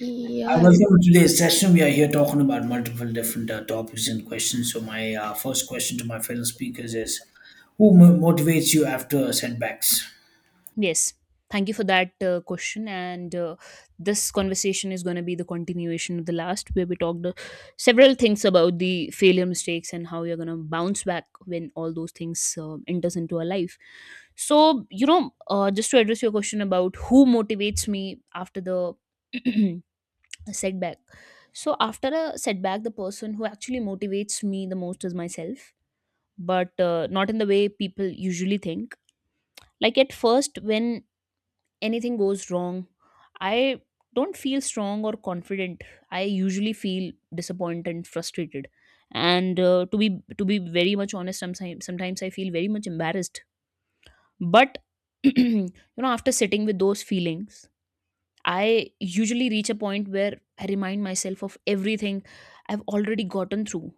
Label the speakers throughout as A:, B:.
A: Yeah.
B: I welcome to today's session. We are here talking about multiple different topics and questions. So, my first question to my fellow speakers is: who motivates you after setbacks?
C: Yes. Thank you for that question. And This conversation is going to be the continuation of the last, where we talked several things about the failure mistakes and how you're going to bounce back when all those things enters into our life. So, just to address your question about who motivates me after the setback. So, after a setback, the person who actually motivates me the most is myself, but not in the way people usually think. Like at first, when anything goes wrong, I don't feel strong or confident. I usually feel disappointed and frustrated. And To be very much honest, sometimes I feel very much embarrassed. But you know, after sitting with those feelings, I usually reach a point where I remind myself of everything I've already gotten through.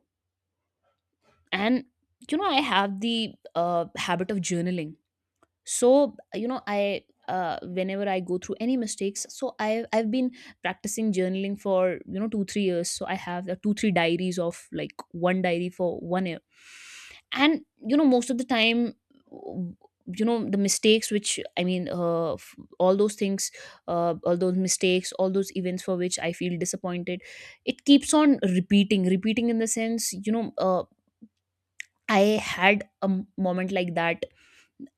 C: And you know, I have the habit of journaling, so you know I whenever I go through any mistakes, I've been practicing journaling for you know 2, 3 years, so I have 2, 3 diaries, of like one diary for 1 year. And you know, most of the time, w- you know, the mistakes which all those things, all those mistakes, all those events for which I feel disappointed, it keeps on repeating, in the sense, you know, I had a moment like that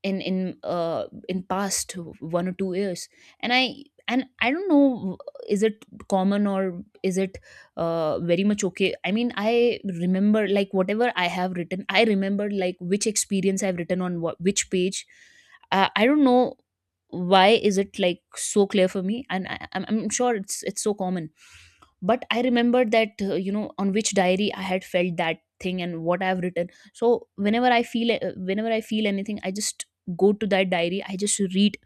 C: in past 1 or 2 years. And I don't know, is it common or is it very much okay? I mean, I remember like whatever I have written, I remember like which experience I've written on what which page. I don't know why is it like so clear for me, and I'm sure it's so common. But I remembered that you know, on which diary I had felt that thing and what I've written. So whenever I feel anything, I just go to that diary, I just read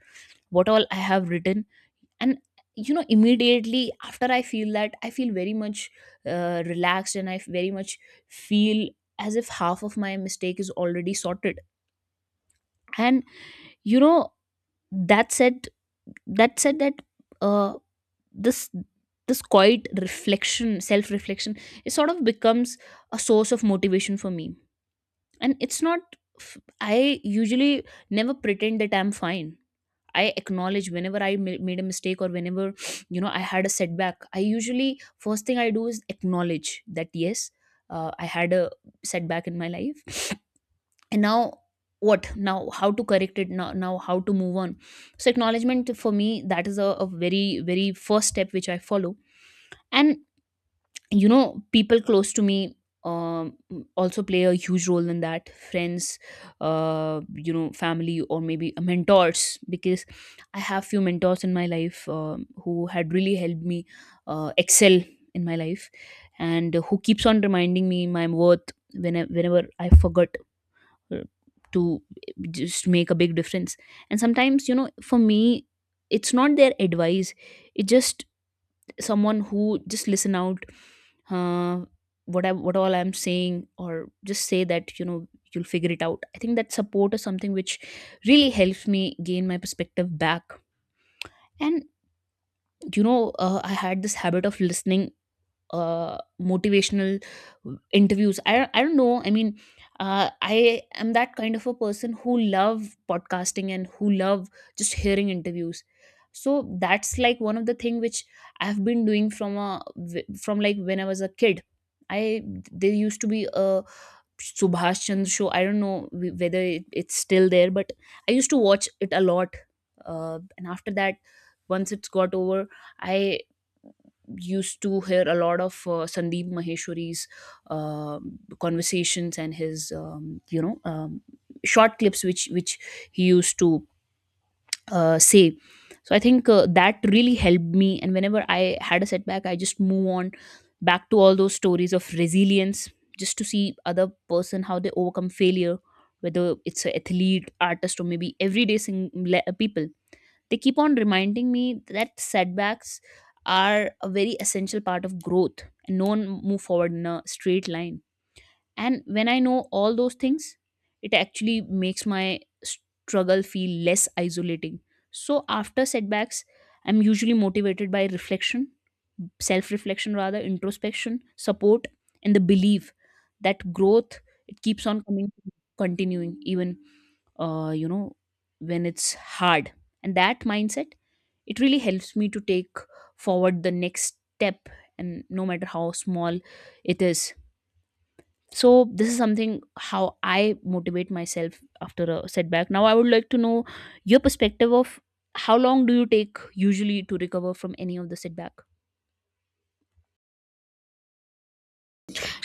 C: what all I have written. And you know, immediately after, I feel very much relaxed, and I very much feel as if half of my mistake is already sorted. And you know, that said that said that uh this quiet reflection, self reflection, it sort of becomes a source of motivation for me. And it's not, I usually never pretend that I'm fine. I acknowledge whenever I made a mistake, or whenever you know I had a setback, I usually, first thing I do is acknowledge that yes, I had a setback in my life. And now what, now how to correct it, now how to move on. So acknowledgement for me, that is a very first step which I follow. And you know, people close to me um, also play a huge role in that: friends, you know, family, or maybe mentors, because I have few mentors in my life who had really helped me excel in my life, and who keeps on reminding me my worth whenever, whenever I forgot uh, to, just make a big difference. And sometimes, you know, for me, it's not their advice, it's just someone who just listen out uh, what I what all I'm saying, or just say that, you know, you'll figure it out. I think that support is something which really helps me gain my perspective back. And you know, I had this habit of listening motivational interviews. I don't know. I mean, I am that kind of a person who love podcasting and who love just hearing interviews. So that's like one of the thing which I've been doing from a from like when I was a kid. I There used to be a Subhash Chandra show. I don't know whether it's still there, but I used to watch it a lot. And after that, once it's got over, I used to hear a lot of Sandeep Maheshwari's conversations and his short clips which he used to say. So I think that really helped me. And whenever I had a setback, I just move on back to all those stories of resilience, just to see other person how they overcome failure, whether it's an athlete, artist, or maybe everyday people, they keep on reminding me that setbacks are a very essential part of growth, and no one move forward in a straight line. And when I know all those things, it actually makes my struggle feel less isolating. So after setbacks, I'm usually motivated by reflection, self reflection rather, introspection, support, and the belief that growth, it keeps on coming, continuing even you know when it's hard. And that mindset, it really helps me to take forward the next step, and no matter how small it is. So this is something how I motivate myself after a setback. Now I would like to know your perspective of how long do you take usually to recover from any of the setback.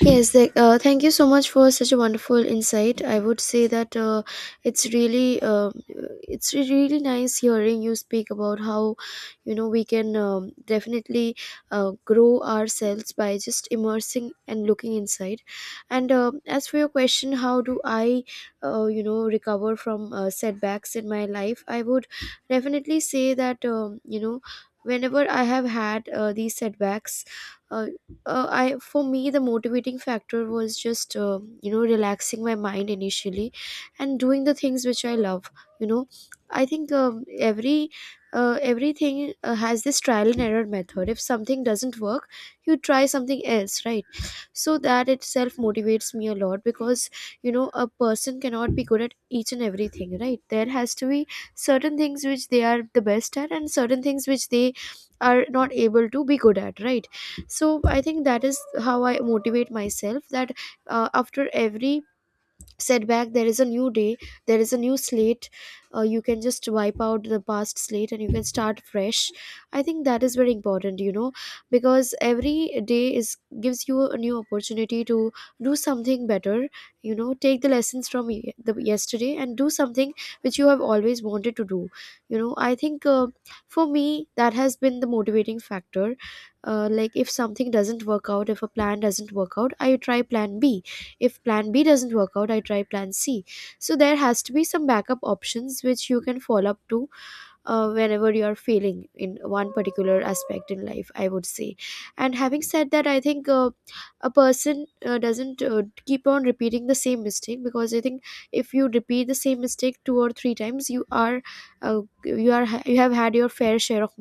A: Yes. Thank you so much for such a wonderful insight. I would say that it's really, really nice hearing you speak about how, you know, we can definitely grow ourselves by just immersing and looking inside. And um, as for your question, how do I, you know, recover from setbacks in my life? I would definitely say that, you know, whenever I have had these setbacks. Uh, I For me, the motivating factor was just, you know, relaxing my mind initially, and doing the things which I love. You know, I think everything has this trial and error method. If something doesn't work, you try something else, right? So that itself motivates me a lot because, you know, a person cannot be good at each and everything, right? There has to be certain things which they are the best at, and certain things which they are not able to be good at, right? So I think that is how I motivate myself, that after every setback there is a new day, there is a new slate. You can just wipe out the past slate and you can start fresh. I think that is very important, you know, because every day is, gives you a new opportunity to do something better. You know, take the lessons from ye- the yesterday and do something which you have always wanted to do. You know, I think, for me that has been the motivating factor. Like, if something doesn't work out, if a plan doesn't work out, I try plan B. If plan B doesn't work out, I try plan C. So there has to be some backup options which you can fall up to whenever you are failing in one particular aspect in life, I would say. And having said that, I think, a person doesn't keep on repeating the same mistake, because I think if you repeat the same mistake two or three times, you are, you have had your fair share of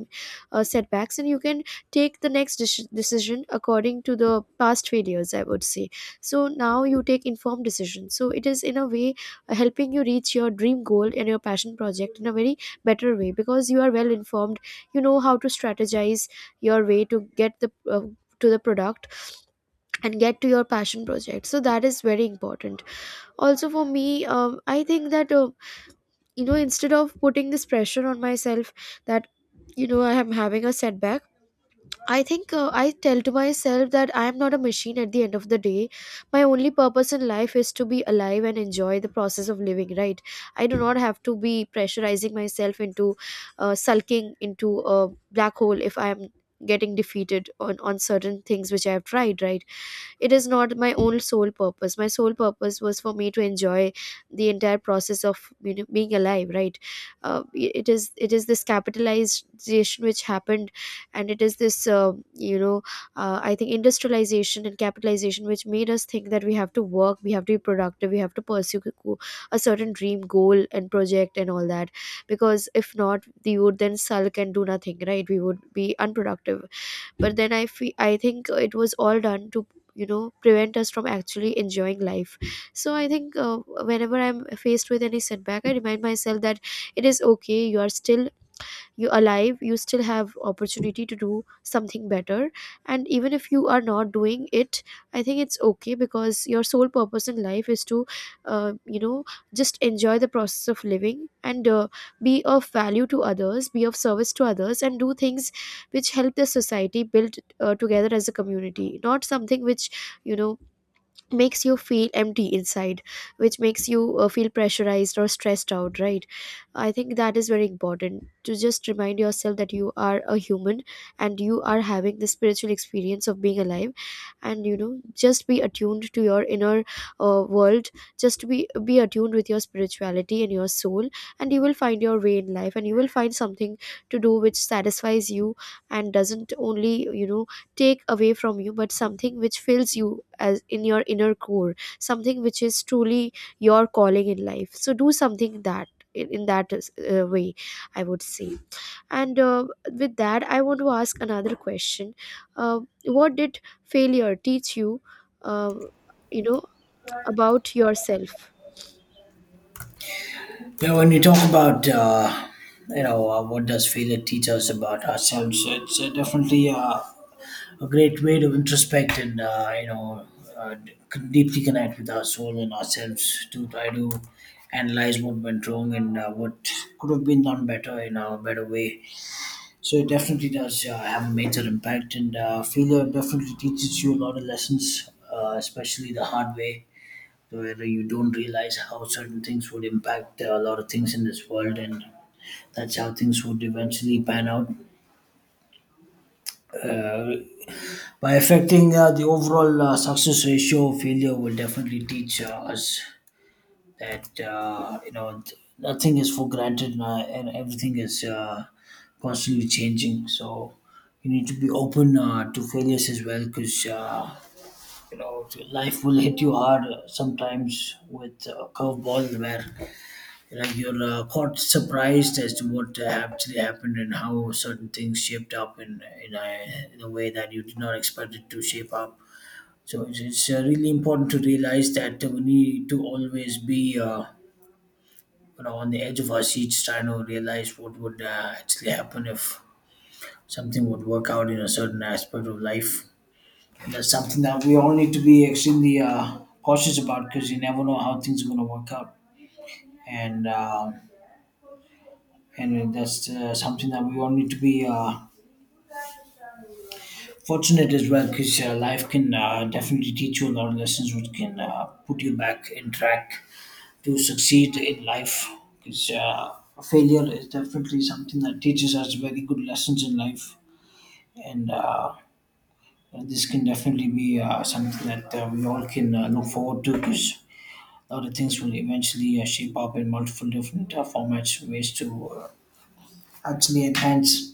A: setbacks, and you can take the next decision according to the past failures, I would say. So now you take informed decisions, so it is in a way helping you reach your dream goal and your passion project in a very better way, because you are well informed. You know how to strategize your way to get the, to the product and get to your passion project. So that is very important. Also, for me, I think that, you know, instead of putting this pressure on myself that, you know, I am having a setback, I think, I tell to myself that I am not a machine at the end of the day. My only purpose in life is to be alive and enjoy the process of living, right? I do not have to be pressurizing myself into sulking into a black hole if I am getting defeated on certain things which I have tried, right? It is not my own sole purpose. My sole purpose was for me to enjoy the entire process of, you know, being alive, right? Uh, it is it is this capitalization which happened, and it is this, you know, I think industrialization and capitalization, which made us think that we have to work, we have to be productive, we have to pursue a certain dream goal and project and all that, because if not, we would then sulk and do nothing, right? We would be unproductive. But then I feel, I think it was all done to, you know, prevent us from actually enjoying life. So I think, whenever I'm faced with any setback, I remind myself that it is okay, you are still, you alive, you still have opportunity to do something better. And even if you are not doing it, I think it's okay, because your sole purpose in life is to, you know, just enjoy the process of living and, be of value to others, be of service to others, and do things which help the society build together as a community, not something which, you know, makes you feel empty inside, which makes you feel pressurized or stressed out, right? I think that is very important, to just remind yourself that you are a human and you are having the spiritual experience of being alive. And you know, just be attuned to your inner world, just be attuned with your spirituality and your soul, and you will find your way in life, and you will find something to do which satisfies you, and doesn't only, you know, take away from you, but something which fills you as in your inner core, something which is truly your calling in life. So do something that in that way, I would say. And with that, I want to ask another question. uh, what did failure teach you, uh, you know, about yourself?
B: Yeah, when you talk about, what does failure teach us about ourselves, it's definitely a great way to introspect and, uh, d- deeply connect with our soul and ourselves to try to analyze what went wrong and what could have been done better in a better way. So it definitely does have a major impact, and failure definitely teaches you a lot of lessons, especially the hard way, where you don't realize how certain things would impact a lot of things in this world, and that's how things would eventually pan out. Uh, by affecting the overall success ratio, failure will definitely teach us that nothing is for granted, and everything is constantly changing, so you need to be open to failures as well, because you know, life will hit you hard sometimes with a curveball where you know, you're caught surprised as to what actually happened and how certain things shaped up in a way that you did not expect it to shape up. So it's really important to realize that we need to always be you know, on the edge of our seats, trying to realize what would actually happen if something would work out in a certain aspect of life. And that's something that we all need to be extremely cautious about, because you never know how things are going to work out. And um and that's something that we all need to be fortunate as well, because life can definitely teach you a lot of lessons which can put you back in track to succeed in life, because failure is definitely something that teaches us very good lessons in life. And this can definitely be something that we all can look forward to, because a lot of things will eventually shape up in multiple different formats, ways to actually enhance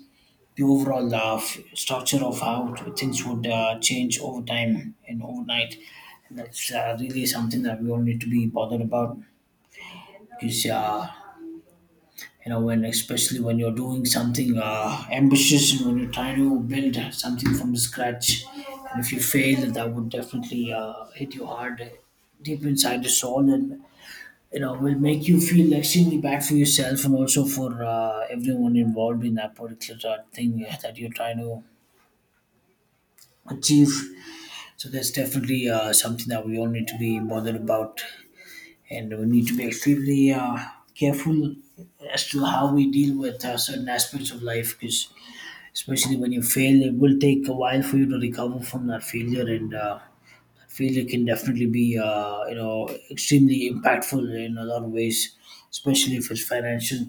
B: the overall structure of how things would change over time and overnight. And that's really something that we all need to be bothered about, because you know, when, especially when you're doing something ambitious, and when you're trying to build something from scratch, and if you fail, that would definitely hit you hard deep inside the soul, and you know, will make you feel extremely bad for yourself and also for everyone involved in that particular thing that you're trying to achieve. So that's definitely something that we all need to be bothered about, and we need to be extremely careful as to how we deal with certain aspects of life, because especially when you fail, it will take a while for you to recover from that failure. And failure can definitely be you know, extremely impactful in a lot of ways, especially if it's financial.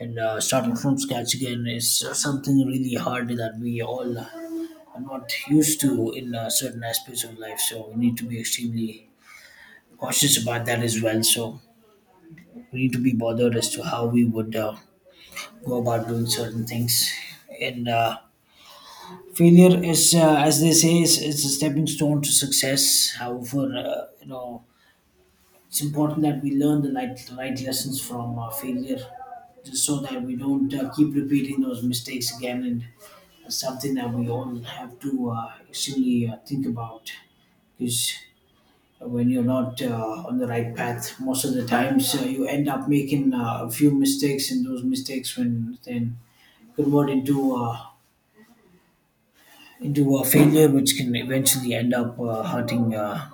B: And starting from scratch again is something really hard that we all are not used to in certain aspects of life, so we need to be extremely cautious about that as well. So we need to be bothered as to how we would go about doing certain things. And failure is, as they say is a stepping stone to success. However, you know, it's important that we learn the right lessons from our failure, just so that we don't keep repeating those mistakes again. And that's something that we all have to actually think about, because when you're not on the right path, most of the times you end up making a few mistakes, and those mistakes when then convert into a failure, which can eventually end up hurting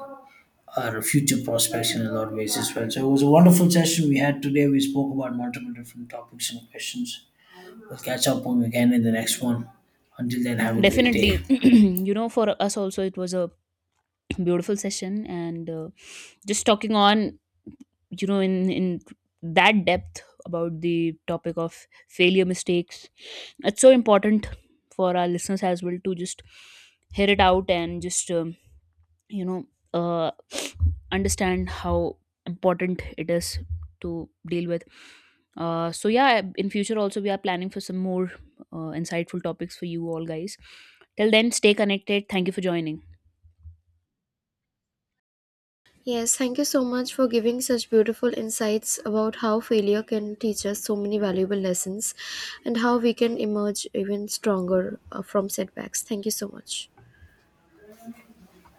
B: our future prospects in a lot of ways as well. So it was a wonderful session we had today. We spoke about multiple different topics and questions. We'll catch up on again in the next one. Until then, have a great day.
C: Definitely. You know, for us also, it was a beautiful session, and just talking on, you know, in that depth about the topic of failure mistakes, it's so important for our listeners as well to just hear it out, and just you know uh, understand how important it is to deal with. So yeah, in future also, we are planning for some more insightful topics for you all guys. Till then, stay connected. Thank you for joining.
A: Yes, thank you so much for giving such beautiful insights about how failure can teach us so many valuable lessons and how we can emerge even stronger from setbacks. Thank you so much.